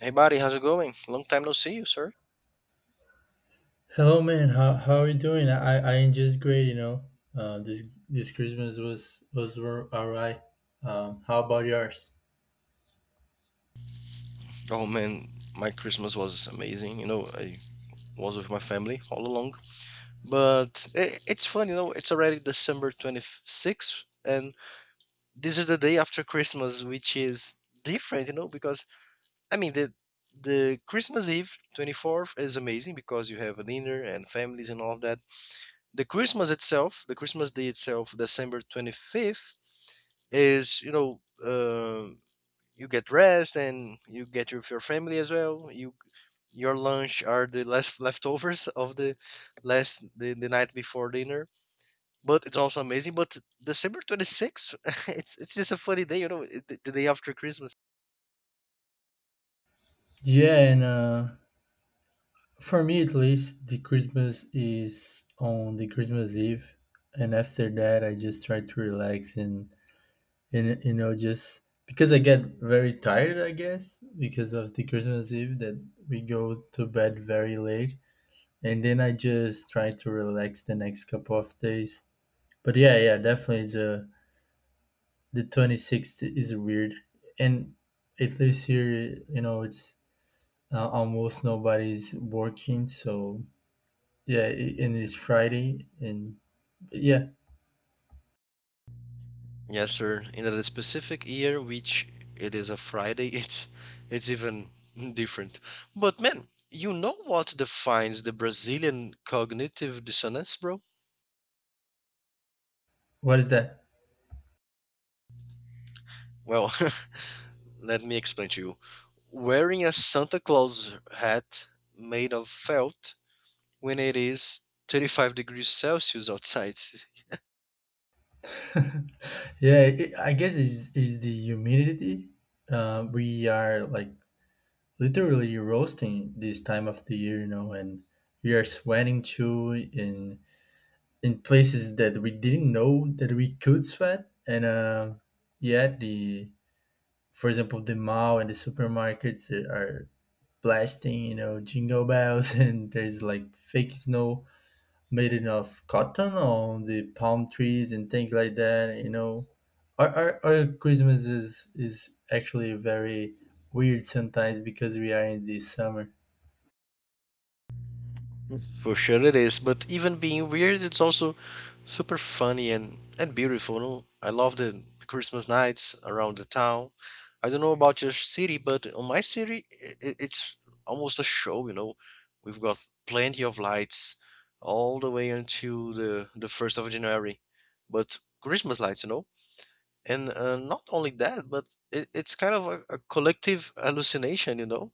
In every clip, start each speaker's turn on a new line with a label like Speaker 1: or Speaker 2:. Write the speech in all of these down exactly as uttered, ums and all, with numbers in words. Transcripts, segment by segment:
Speaker 1: Hey buddy, how's it going? Long time no see you, sir.
Speaker 2: Hello, man. How how are you doing? I I am just great. You know, uh, this this Christmas was was wor- alright. Um, how about yours?
Speaker 1: Oh man, my Christmas was amazing. You know, I was with my family all along. But I it's fun, you know, it's already December twenty-sixth, and this is the day after Christmas, which is different, you know, because I mean, the the Christmas Eve twenty-fourth is amazing because you have a dinner and families and all of that. The Christmas itself, the Christmas day itself, December twenty-fifth is you know um you get rest and you get with your family as well. You your lunch are the last leftovers of the last the, the night before dinner, but it's also amazing. But December twenty-sixth it's it's just a funny day, you know it, the the day after Christmas.
Speaker 2: Yeah, and uh, for me at least, the Christmas is on the Christmas Eve, and after that, I just try to relax and and you know just because I get very tired, I guess, because of the Christmas Eve that we go to bed very late, and then I just try to relax the next couple of days. But yeah, yeah, definitely the the twenty-sixth is weird. And at least here, you know, it's uh, almost nobody's working, so yeah, i- and it's Friday and yeah,
Speaker 1: Yes sir, in a specific year which it is a Friday. it's it's even different. But man, you know what defines the Brazilian cognitive dissonance, bro?
Speaker 2: what is that?
Speaker 1: Well, let me explain to you. Wearing a Santa Claus hat made of felt when it is thirty-five degrees Celsius outside.
Speaker 2: Yeah, it, I guess is is the humidity. Uh, we are like literally roasting this time of the year, you know, and we are sweating too, and in places that we didn't know that we could sweat. And uh, yeah, the for example, the mall and the supermarkets are blasting, you know, jingle bells, and there's like fake snow made out of cotton on the palm trees and things like that. You know, our our, our Christmas is is actually very weird sometimes because we are in the summer.
Speaker 1: For sure it is, but even being weird, it's also super funny and, and beautiful. No? I love the Christmas nights around the town. I don't know about your city, but on my city, it, it's almost a show, you know. We've got plenty of lights all the way until the, the first of January. But Christmas lights, you know? and uh, not only that, but it, it's kind of a, a collective hallucination, you know,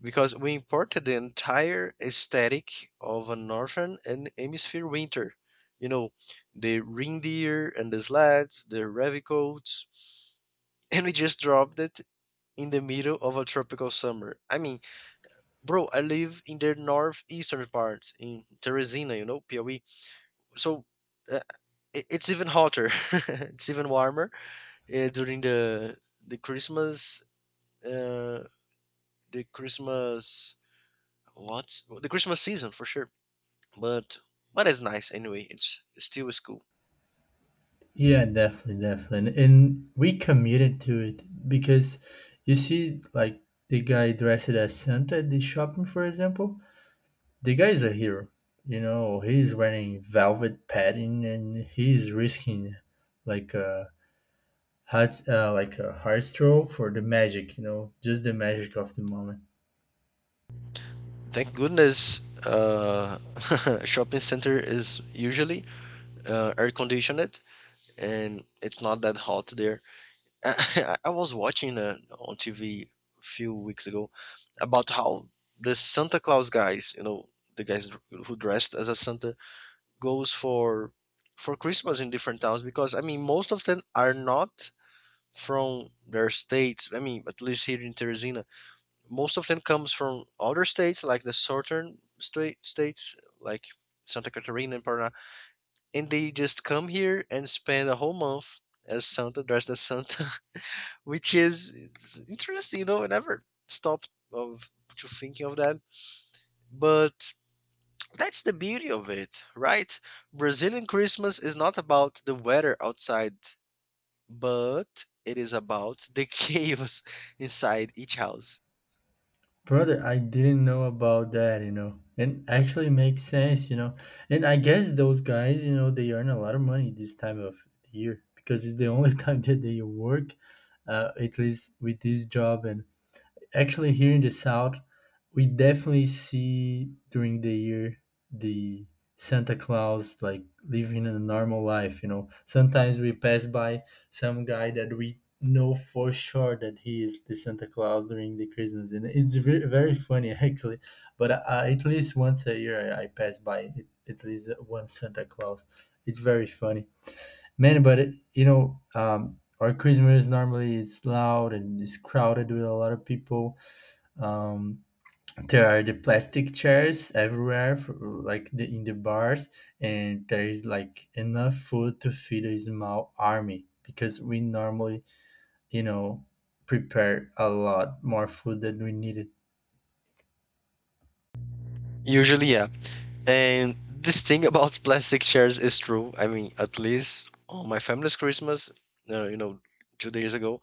Speaker 1: because we imported the entire aesthetic of a northern and hemisphere winter, you know, the reindeer and the sleds, the heavy coats, and we just dropped it in the middle of a tropical summer. I mean, bro, I live in the northeastern part in Teresina, you know, Piauí. So uh, it, it's even hotter. It's even warmer uh, during the the Christmas, uh, the Christmas, what the Christmas season, for sure. But but it's nice anyway. It's still is cool.
Speaker 2: Yeah, definitely, definitely. And we committed to it because you see, like, the guy dressed as Santa at the shopping, for example, the guy is a hero. You know, he's wearing velvet padding and he's risking like a heart, uh, like a heart stroke for the magic. You know, just the magic of the moment.
Speaker 1: Thank goodness, uh, shopping center is usually uh, air conditioned, and it's not that hot there. I, I was watching uh, on T V a few weeks ago about how the Santa Claus guys, you know, the guys who dressed as a Santa goes for for Christmas in different towns, because I mean most of them are not from their states. I mean, at least here in Teresina, most of them comes from other states like the southern state states like Santa Catarina and Paraná, and they just come here and spend a whole month as Santa, dressed as Santa, which is it's interesting. You know, I never stopped of to thinking of that, but that's the beauty of it, right? Brazilian Christmas is not about the weather outside, but it is about the chaos inside each house.
Speaker 2: Brother, I didn't know about that, you know. And actually makes sense, you know. And I guess those guys, you know, they earn a lot of money this time of the year because it's the only time that they work, uh, at least with this job. And actually, here in the south, we definitely see during the year the Santa Claus like living a normal life. You know, sometimes we pass by some guy that we know for sure that he is the Santa Claus during the Christmas, and it's very, very funny actually. But uh, at least once a year, I, I pass by it, at least one Santa Claus. It's very funny, man. But it- you know, um, our Christmas normally is loud and it's crowded with a lot of people, um, there are the plastic chairs everywhere for, like, the, in the bars, and there is like enough food to feed a small army because we normally, you know, prepare a lot more food than we needed.
Speaker 1: Usually, yeah. And this thing about plastic chairs is true. I mean, at least on my family's Christmas, uh, you know, two days ago,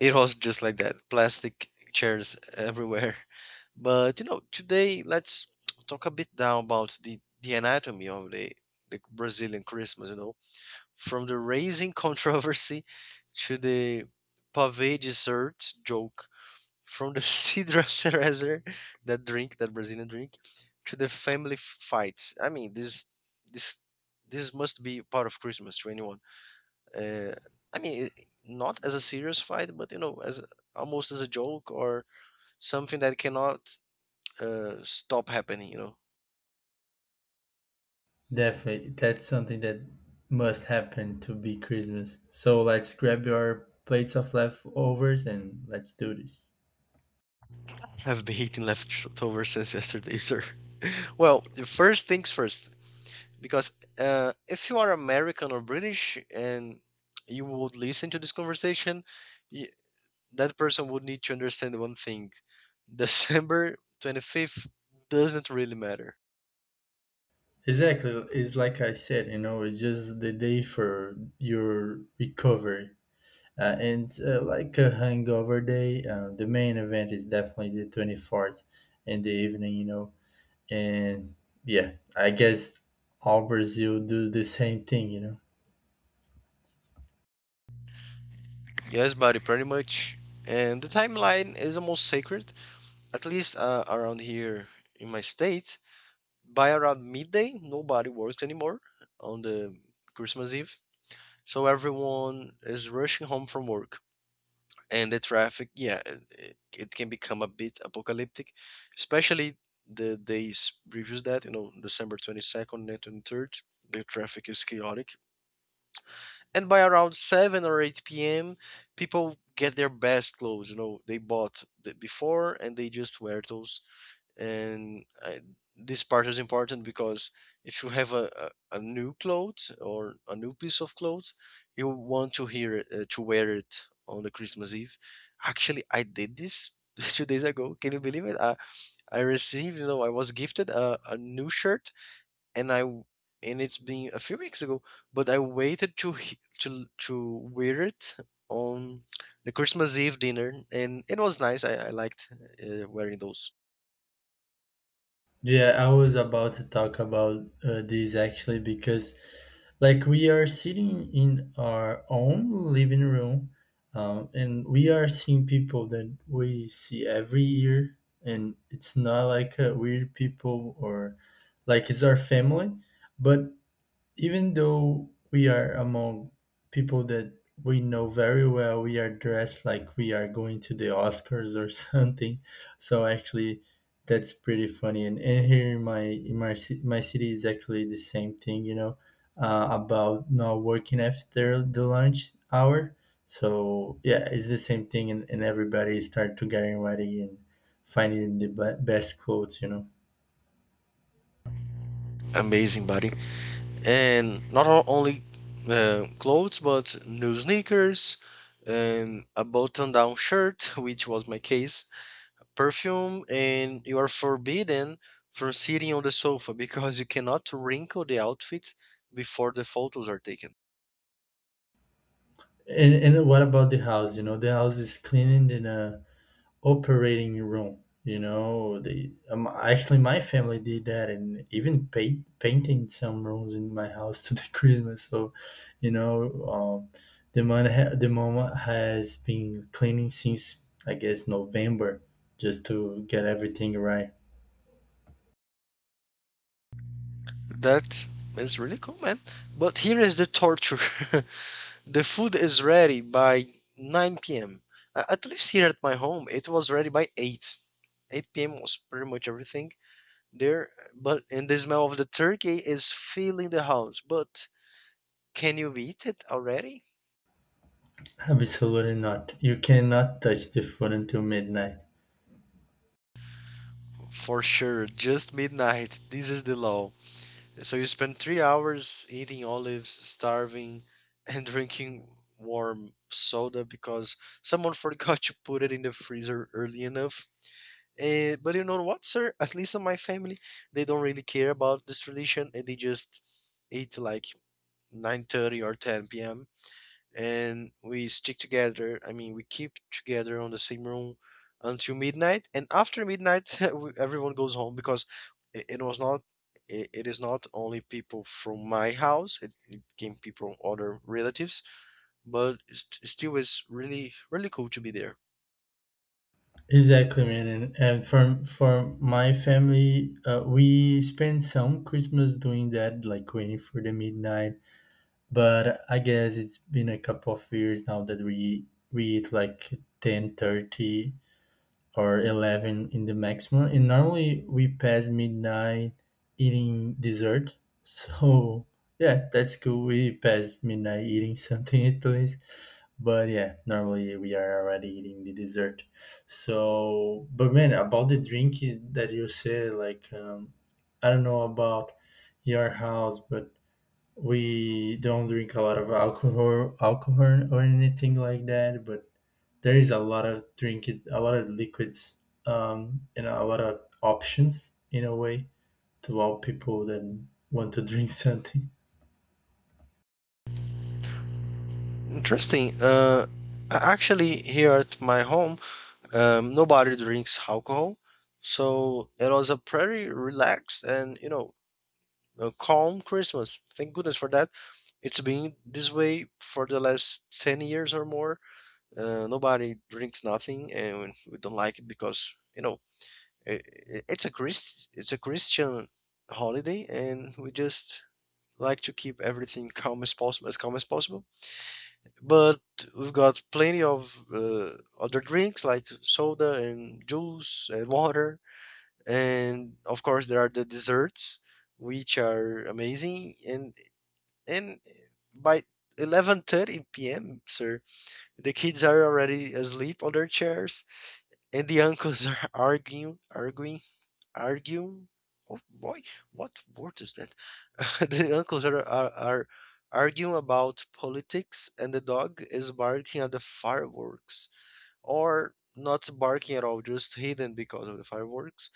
Speaker 1: it was just like that, plastic chairs everywhere. But, you know, today, let's talk a bit down about the, the anatomy of the, the Brazilian Christmas, you know, from the raising controversy to the pave dessert joke, from the cidra cerezer, that drink, that Brazilian drink, to the family f- fights. I mean, this this this must be part of Christmas to anyone. Uh, I mean, I- not as a serious fight, but you know, as a- almost as a joke or something that cannot uh, stop happening. You know,
Speaker 2: Definitely that's something that must happen to be Christmas, so let's grab your plates of leftovers and let's do this.
Speaker 1: I've been eating leftovers since yesterday, sir. Well, first things first. because uh, if you are American or British and you would listen to this conversation, y- that person would need to understand one thing: December twenty fifth doesn't really matter.
Speaker 2: Exactly, it's like I said, you know, it's just the day for your recovery. Uh, and uh, Like a hangover day, uh, the main event is definitely the twenty-fourth in the evening, you know. And yeah, I guess all Brazil do the same thing, you know.
Speaker 1: Yes, buddy, pretty much. And the timeline is almost sacred, at least uh, around here in my state. By around midday, nobody works anymore on the Christmas Eve, so everyone is rushing home from work. And the traffic, yeah, it, it can become a bit apocalyptic, especially the days previous that, you know, December twenty-second and twenty-third. The traffic is chaotic, and by around seven or eight p.m. people get their best clothes, you know, they bought the before and they just wear those. and I, this part is important because if you have a, a, a new clothes or a new piece of clothes you want to hear it, uh, to wear it on the Christmas Eve. Actually, I did this two days ago, can you believe it? i, I received, you know, I was gifted a, a new shirt, and I and it's been a few weeks ago, but i waited to he- to to wear it on the Christmas Eve dinner, and it was nice. i, I liked uh, wearing those.
Speaker 2: Yeah, I was about to talk about uh, this actually because, like, we are sitting in our own living room, um, and we are seeing people that we see every year, and it's not like uh, weird people or like it's our family, but even though we are among people that we know very well, we are dressed like we are going to the Oscars or something. So actually, that's pretty funny. And, and here in my in my ci- my city is actually the same thing, you know, uh, about not working after the lunch hour. So yeah, it's the same thing, and, and everybody start to getting ready and finding the be- best clothes, you know.
Speaker 1: Amazing, buddy. and not o- only uh, clothes, but new sneakers and a button down shirt, which was my case, perfume, and you are forbidden from sitting on the sofa because you cannot wrinkle the outfit before the photos are taken.
Speaker 2: And, and what about the house? You know, the house is cleaning and uh, operating room. You know, they um, actually my family did that, and even paint painting some rooms in my house to the Christmas. So, you know, um, the mom ha- the mom has been cleaning since I guess November, just to get everything right.
Speaker 1: That is really cool, man. But here is the torture. The food is ready by nine p.m., at least here at my home. It was ready by eight, eight p.m. was pretty much everything there. But and the smell of the turkey is filling the house. But can you eat it already?
Speaker 2: Absolutely not. You cannot touch the food until midnight.
Speaker 1: For sure, just midnight. This is the law. So you spend three hours eating olives, starving, and drinking warm soda because someone forgot to put it in the freezer early enough. Eh, but you know what, sir? At least in my family, they don't really care about this tradition, and they just eat like nine thirty or ten p m, and we stick together. I mean, we keep together on the same room until midnight, and after midnight, we- everyone goes home because it, it was not. It, it is not only people from my house; it, it came people from other relatives, but st- still, is really really cool to be there.
Speaker 2: Exactly, man. And, and for for my family, uh, we spend some Christmas doing that, like waiting for the midnight, but I guess it's been a couple of years now that we we eat like ten thirty or eleven in the maximum, and normally we pass midnight eating dessert, so yeah, that's cool, we pass midnight eating something at least. But yeah, normally we are already eating the dessert. So but man, about the drink that you said, like, um, I don't know about your house, but we don't drink a lot of alcohol alcohol or anything like that, but there is a lot of drinking a lot of liquids, um and a lot of options in a way to all people that want to drink something.
Speaker 1: Interesting. Uh, a- actually, here at my home, um, nobody drinks alcohol. So it was a pretty relaxed and, you know, a calm Christmas. Thank goodness for that. It's been this way for the last ten years or more. Uh, nobody drinks nothing and we don't like it because, you know, i i- it's a Christ it's a Christian holiday and we just like to keep everything calm as possible, as calm as possible. But we've got plenty of uh, other drinks like soda and juice and water, and of course there are the desserts which are amazing. And and by eleven thirty p m, sir, the kids are already asleep on their chairs, and the uncles are arguing, arguing, arguing. Oh boy, what word is that? The uncles are, are are arguing about politics, and the dog is barking at the fireworks, or not barking at all, just hidden because of the fireworks.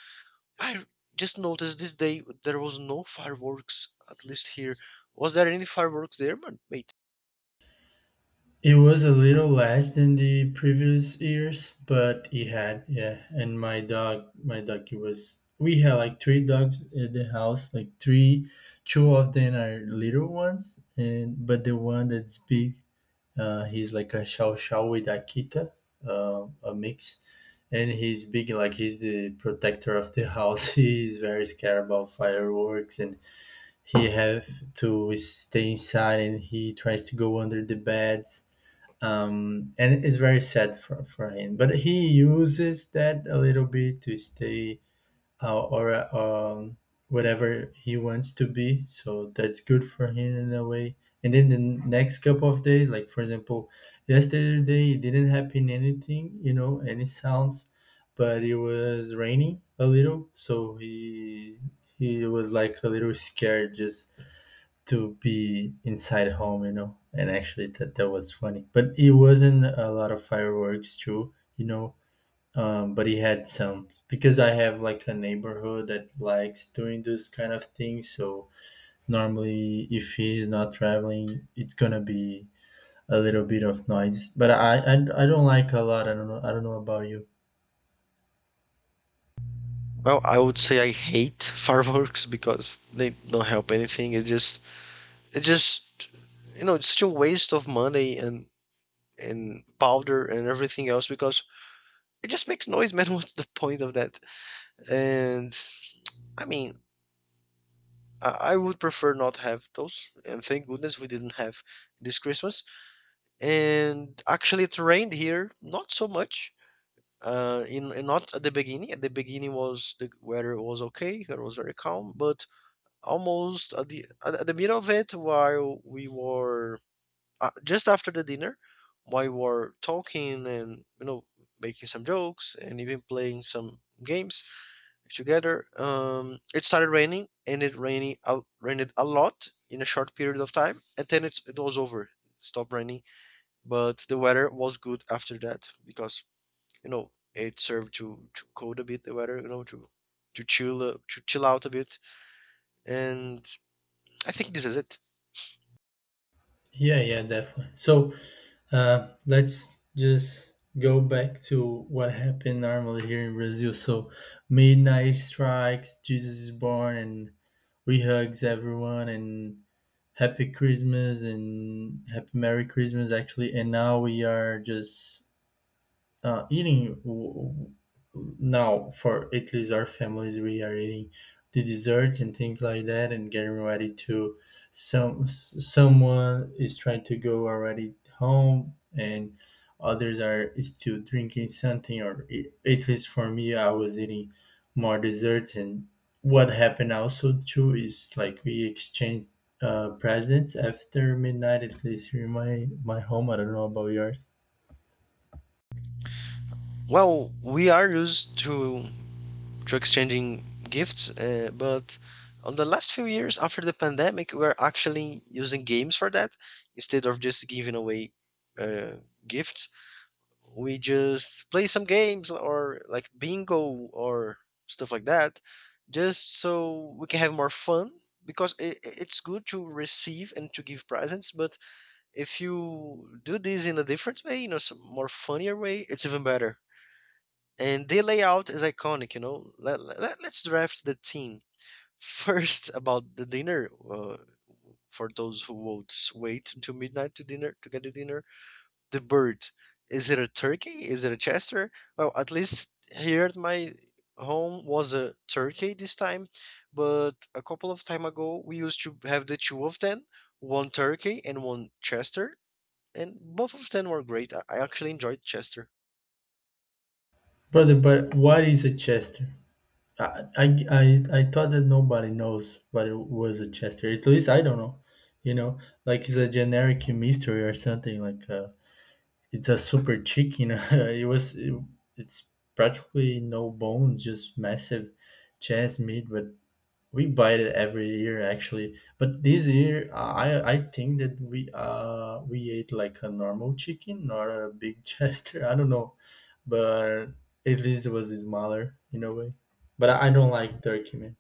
Speaker 1: I just noticed this day there was no fireworks, at least here. Was there any fireworks there, man? Mate?
Speaker 2: It was a little less than the previous years, but it had, yeah. And my dog my dog he was we had like three dogs at the house, like three, two of them are little ones, and but the one that's big, Uh, he's like a Shao Shao with Akita, uh, a mix. And he's big, like he's the protector of the house. He's very scared about fireworks, and he have to stay inside. And he tries to go under the beds, um, and it's very sad for for him. But he uses that a little bit to stay uh, or um, whatever he wants to be. So that's good for him in a way. And then the next couple of days, like, for example, yesterday it didn't happen anything, you know, any sounds, but it was raining a little, so he he was like a little scared just to be inside home, you know. And actually, that that was funny, but it wasn't a lot of fireworks too, you know, um, but he had some because I have like a neighborhood that likes doing this kind of thing. So normally, if he's not traveling, it's gonna be a little bit of noise. But I I, I don't like a lot. I don't know. I don't know about you.
Speaker 1: Well, I would say I hate fireworks because they don't help anything. It just, it just, you know, it's such a waste of money and and powder and everything else because it just makes noise, man. What's the point of that? And I mean, I, I would prefer not have those. And thank goodness we didn't have this Christmas. And actually, it rained here, not so much. Uh, in, in not at the beginning. At the beginning was the weather was okay. It was very calm, but almost at the at at the middle of it, while we were uh, just after the dinner, while we were talking and, you know, making some jokes and even playing some games together, um it started raining and it raining out rained a lot in a short period of time, and then it, it was over. It stopped raining, but the weather was good after that because, you know, it served to to cool a bit the weather, you know, to to chill uh, to chill out a bit. And I think this is it.
Speaker 2: Yeah, yeah, definitely. So uh, let's just go back to what happened normally here in Brazil. So midnight strikes, Jesus is born, and we hugs everyone and Happy Christmas and Happy Merry Christmas, actually. And now we are just uh, eating w- w- now for at least our families we are eating the desserts and things like that, and getting ready to some s- someone is trying to go already home, and others are still drinking something, or i- at least for me I was eating more desserts. And what happened also too is like we exchange uh, presents after midnight, at least here in my my home, I don't know about yours.
Speaker 1: Well, we are used to to exchanging gifts, uh, but on the last few years after the pandemic, we're actually using games for that instead of just giving away uh, gifts. We just play some games or like bingo or stuff like that, just so we can have more fun. Because it, it's good to receive and to give presents, but if you do this in a different way, you know, some more funnier way, it's even better. And the layout is iconic, you know. Let, let, let us draft the team first about the dinner. Uh, for those who won't wait until midnight to dinner to get the dinner, the bird. Is it a turkey? Is it a chester? Well, at least here at my home was a turkey this time, but a couple of time ago we used to have the two of them, one turkey and one chester, and both of them were great. I I actually enjoyed chester.
Speaker 2: Brother, but what is a Chester? I, I, I, I thought that nobody knows what it was a Chester. At least I don't know. You know, like it's a generic mystery or something. Like uh, it's a super chicken. It was. It, it's practically no bones, just massive chest meat. But we buy it every year actually, but this year uh, I I think that we uh we ate like a normal chicken, not a big chester. I don't know, but at least it was smaller in a way. But I, I don't like turkey, man.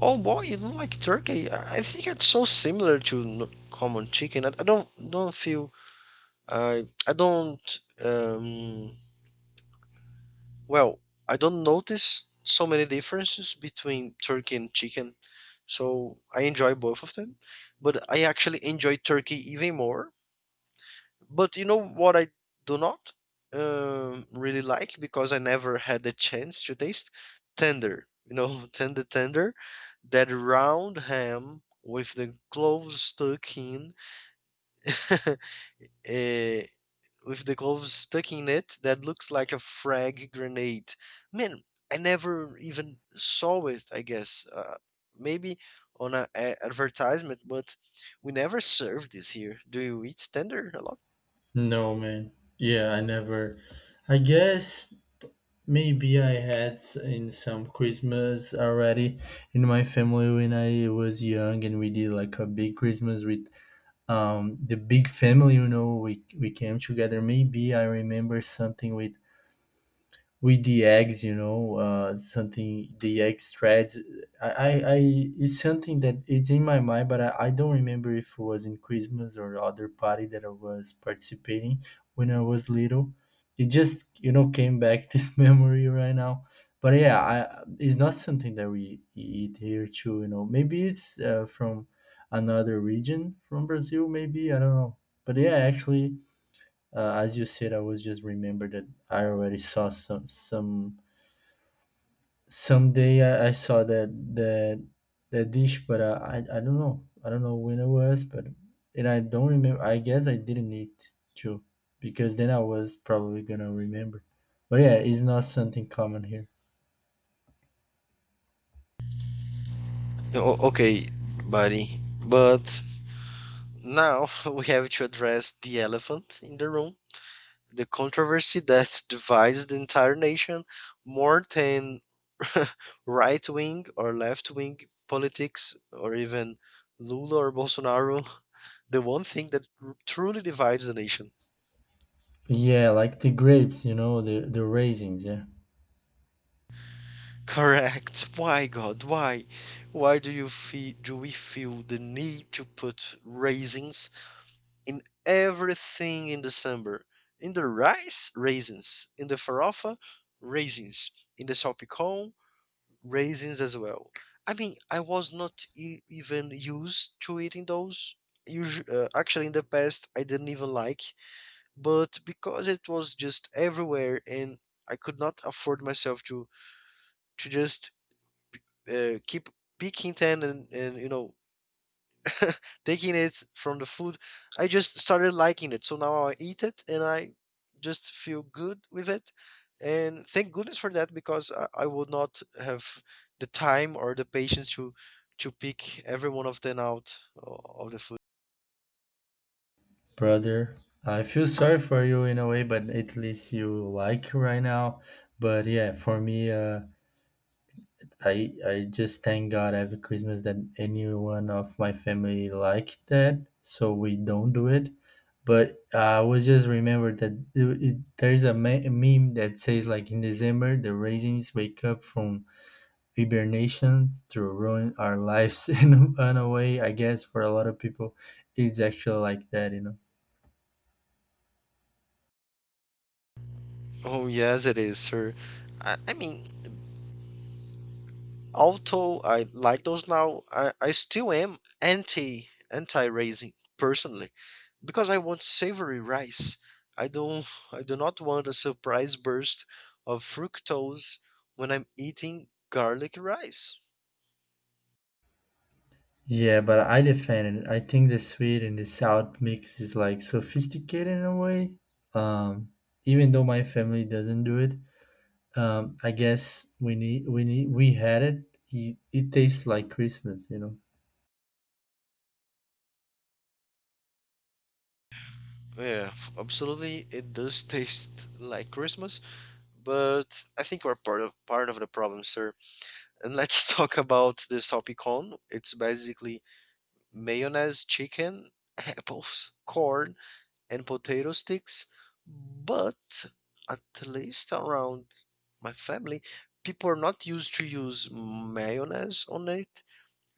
Speaker 1: Oh boy, you don't like turkey? I I think it's so similar to n- common chicken. I, I don't don't feel I I don't um well I don't notice so many differences between turkey and chicken. So I enjoy both of them, but I actually enjoy turkey even more. But you know what I do not um, really like, because I never had the chance to taste tender. You know, tender, tender, that round ham with the cloves stuck in, eh, with the cloves stuck in it, that looks like a frag grenade. Man, I never even saw it. I guess uh, maybe on a, a advertisement, but we never served this here. Do you eat tender a lot?
Speaker 2: No, man. Yeah, I never. I guess maybe I had s- in some Christmas already in my family when I was young, and we did like a big Christmas with um, the big family, you know, we, we came together. Maybe I remember something with with the eggs, you know, uh something the eggs threads. i i, I, it's something that it's in my mind, but I, I don't remember if it was in Christmas or other party that I was participating when I was little. It just, you know, came back this memory right now. But yeah, I, it's not something that we eat here too, you know, maybe it's uh, from another region from Brazil, maybe I don't know. But yeah, actually, uh, as you said, I was just remembered that I already saw some some someday I, I saw that that that dish, but uh, I I don't know, I don't know when it was, but and I don't remember. I guess I didn't eat too, because then I was probably gonna remember. But yeah, it's not something common here.
Speaker 1: O- okay, buddy. But now we have to address the elephant in the room, the controversy that divides the entire nation more than right wing or left wing politics or even Lula or Bolsonaro. The one thing that r- truly divides the nation.
Speaker 2: Yeah, like the grapes, you know, the the raisins. Yeah,
Speaker 1: Correct. Why, God? Why? Why do you feel? Do we feel the need to put raisins in everything in December. In the rice, raisins. In the farofa, raisins. In the salpicón, raisins as well. I mean, I was not e- even used to eating those. Usu- uh, actually, in the past, I didn't even like, but because it was just everywhere and I could not afford myself to to just uh, keep picking ten and, and you know taking it from the food, I just started liking it. So now I eat it and I just feel good with it. And thank goodness for that because I, I would not have the time or the patience to to pick every one of them out o- of the food.
Speaker 2: brother, I feel sorry for you in a way, but at least you like right now. But yeah, for me, uh. I I just thank God every Christmas that anyone of my family like that, so we don't do it. But I was just remembered that it, it, there's a me- meme that says like in December the raisins wake up from hibernations to ruin our lives in a way. I guess for a lot of people, it's actually like that, you know.
Speaker 1: Oh yes, it is, sir. I, I mean, although I like those now, I, I still am anti anti racing personally because I want savory rice. I don't I do not want a surprise burst of fructose when I'm eating garlic rice.
Speaker 2: Yeah, but I defend it. I think the sweet and the sour mix is like sophisticated in a way. Um, Even though my family doesn't do it, Um, I guess we need we need we had it. It, it tastes like Christmas, you know.
Speaker 1: Yeah, f- absolutely it does taste like Christmas, but I think we're part of part of the problem, sir. And let's talk about the salpicón. It's basically mayonnaise, chicken, apples, corn, and potato sticks, but at least around my family, people are not used to use mayonnaise on it.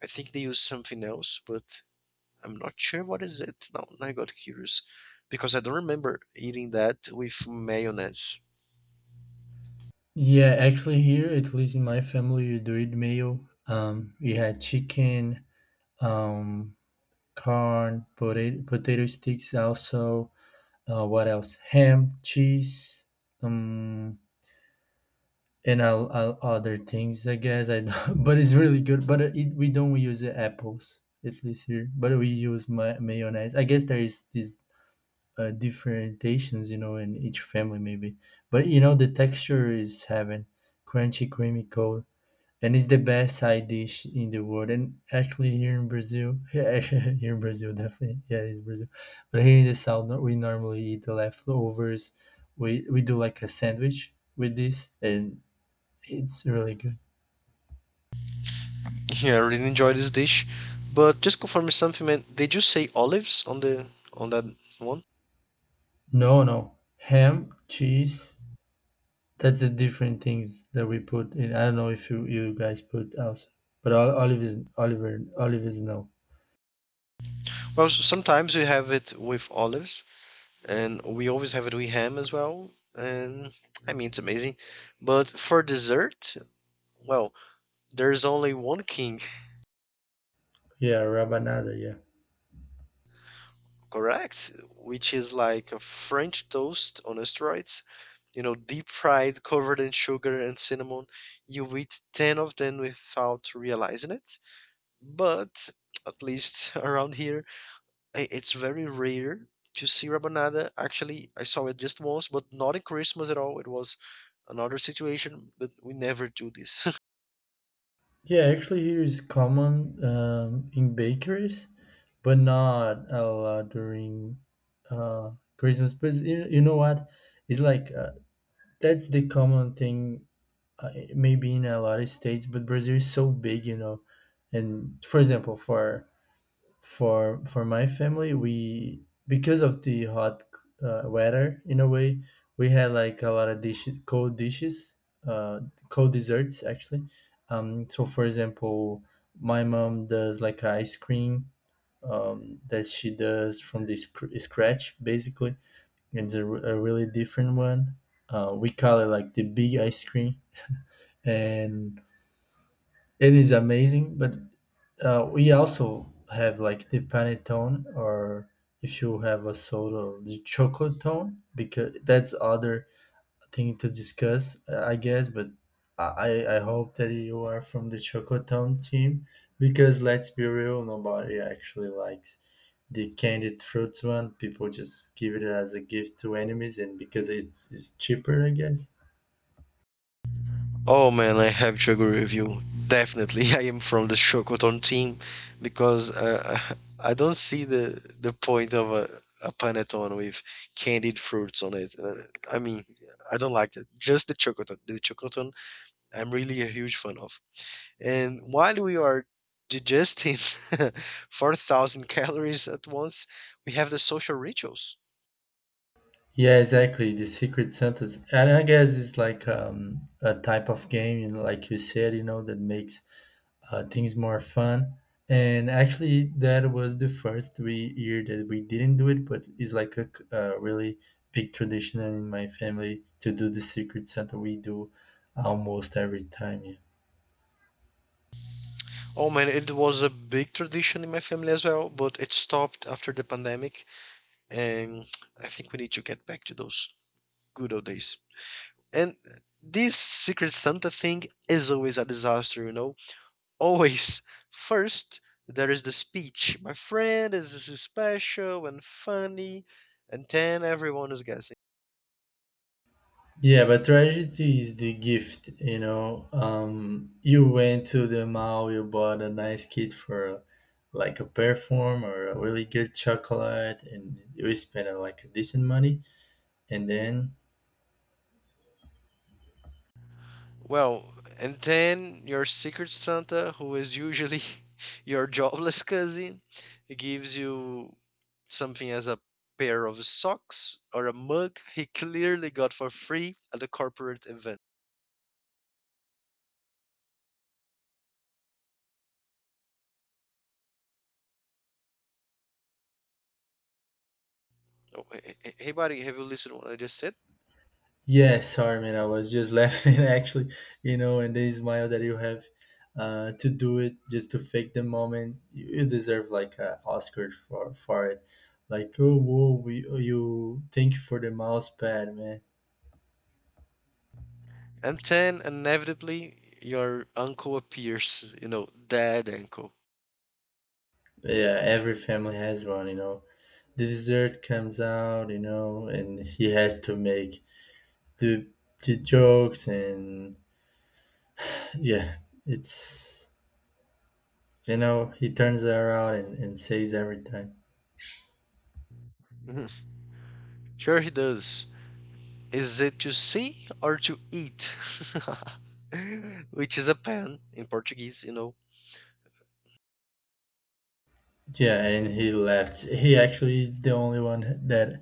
Speaker 1: I think they use something else, but I'm not sure what is it. Now I got curious because I don't remember eating that with mayonnaise.
Speaker 2: Yeah, actually, here at least in my family, you do it meal. Um, we had chicken, um, corn, potato, potato sticks. Also, uh, what else? Ham, cheese, um, and all, all other things. I guess I. Don't, but it's really good. But it, we don't use apples at least here. But we use my mayonnaise. I guess there is this uh, differentiations, you know, in each family maybe. But you know, the texture is heaven, crunchy, creamy, cold, and it's the best side dish in the world. And actually, here in Brazil, yeah, here in Brazil, definitely, yeah, it's Brazil. But here in the south, no- we normally eat the leftovers. We we do like a sandwich with this, and it's really good.
Speaker 1: Yeah, I really enjoy this dish, but just confirm me something, man. Did you say olives on the on that one?
Speaker 2: No, no, ham, cheese, that's the different things that we put in. I don't know if you, you guys put also, but Ol- olive is Oliver olive is no.
Speaker 1: Well, sometimes we have it with olives, and we always have it with ham as well. And I mean, it's amazing. But for dessert, well, there's only one king.
Speaker 2: Yeah, rabanada. Yeah,
Speaker 1: Correct, which is like a French toast on steroids, you know, deep fried, covered in sugar and cinnamon. You eat ten of them without realizing it. But at least around here, i- it's very rare to see rabanada. Actually, I saw it just once, but not in Christmas at all. It was another situation, but we never do this.
Speaker 2: yeah. Actually, here is common um, in bakeries, but not a lot during uh, Christmas. But you, you know what? It's like uh, that's the common thing. Uh, maybe in a lot of states, but Brazil is so big, you know. And for example, for For for my family, we, because of the hot uh, weather in a way, we had like a lot of dishes, cold dishes, uh, cold desserts actually. Um, so for example, my mom does like ice cream um, that she does from the scr- scratch basically. It's a, re- a really different one. Uh, we call it like the big ice cream and it is amazing, but uh, we also have like the panettone, or if you have a soda, or the chocolate tone, because that's other thing to discuss, uh, I guess. But I I I hope that you are from the chocolate tone team, because let's be real, nobody actually likes the candied fruits one. People just give it as a gift to enemies, and because it's, it's cheaper, I guess.
Speaker 1: Oh man, I have to agree with you. Definitely, I am from the Shokoton team because uh, I don't see the the point of a, a panettone with candied fruits on it. Uh, I mean, I don't like that. Just the Chocoton. The Chocoton, I'm really a huge fan of. And while we are digesting four thousand calories at once, we have the social rituals.
Speaker 2: Yeah, exactly. The Secret Santas, and I guess it's like um, a type of game, you know, like you said, you know, that makes uh, things more fun. And actually, that was the first three year that we didn't do it, but it's like a, c- a really big tradition in my family to do the Secret Santa. We do almost every time. Yeah.
Speaker 1: Oh man, it was a big tradition in my family as well, but it stopped after the pandemic and I think we need to get back to those good old days. And this Secret Santa thing is always a disaster, you know? Always. First, there is the speech. My friend is is special and funny, and then everyone is guessing.
Speaker 2: Yeah, but tragedy is the gift, you know. Um, you went to the mall, you bought a nice kit for like a perfume or a really good chocolate, and you spent uh, like a decent money. And then,
Speaker 1: Well, and then your secret Santa, who is usually your jobless cousin, gives you something as a pair of socks or a mug he clearly got for free at the corporate event. Oh, hey, hey hey, buddy, have you listened to what I just said?
Speaker 2: yeah, sorry, man, I was just laughing actually, you know, and the smile that you have uh, to do it just to fake the moment, you, you deserve like an Oscar for, for it. Like, oh, whoa, we, you, thank you for the mouse pad, man.
Speaker 1: And then inevitably your uncle appears, you know, dead uncle.
Speaker 2: Yeah, every family has one, you know. The dessert comes out, you know, and he has to make the the jokes and yeah, it's, you know, he turns around and, and says every time.
Speaker 1: Sure he does. Is it to see or to eat? Which is a pan in Portuguese, you know.
Speaker 2: Yeah, and he laughs. He actually is the only one that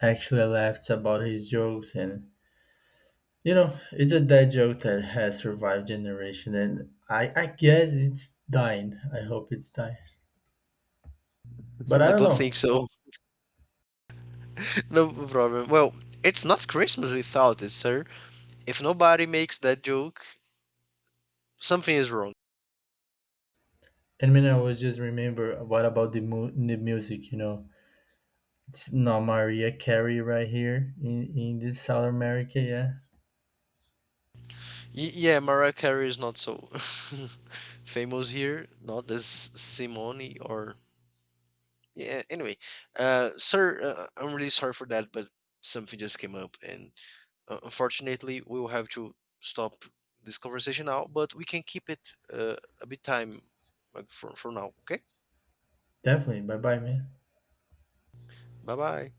Speaker 2: actually laughs about his jokes and you know, it's a dad joke that has survived generation and I, I guess it's dying. I hope it's dying. But I
Speaker 1: I
Speaker 2: don't
Speaker 1: don't think
Speaker 2: know.
Speaker 1: so. No problem. Well, it's not Christmas without it, sir. If nobody makes that joke, something is wrong.
Speaker 2: And when I was just remember what about the mu- the music, you know? It's not Maria Carey right here in, in this South America, yeah.
Speaker 1: Y- yeah, Mariah Carey is not so famous here, not as Simone or. Yeah, anyway. Uh, sir, uh, I'm really sorry for that, but something just came up, and uh, unfortunately, we will have to stop this conversation now, but we can keep it uh, a bit time uh, for, for now, okay?
Speaker 2: Definitely. Bye bye, man.
Speaker 1: Bye bye.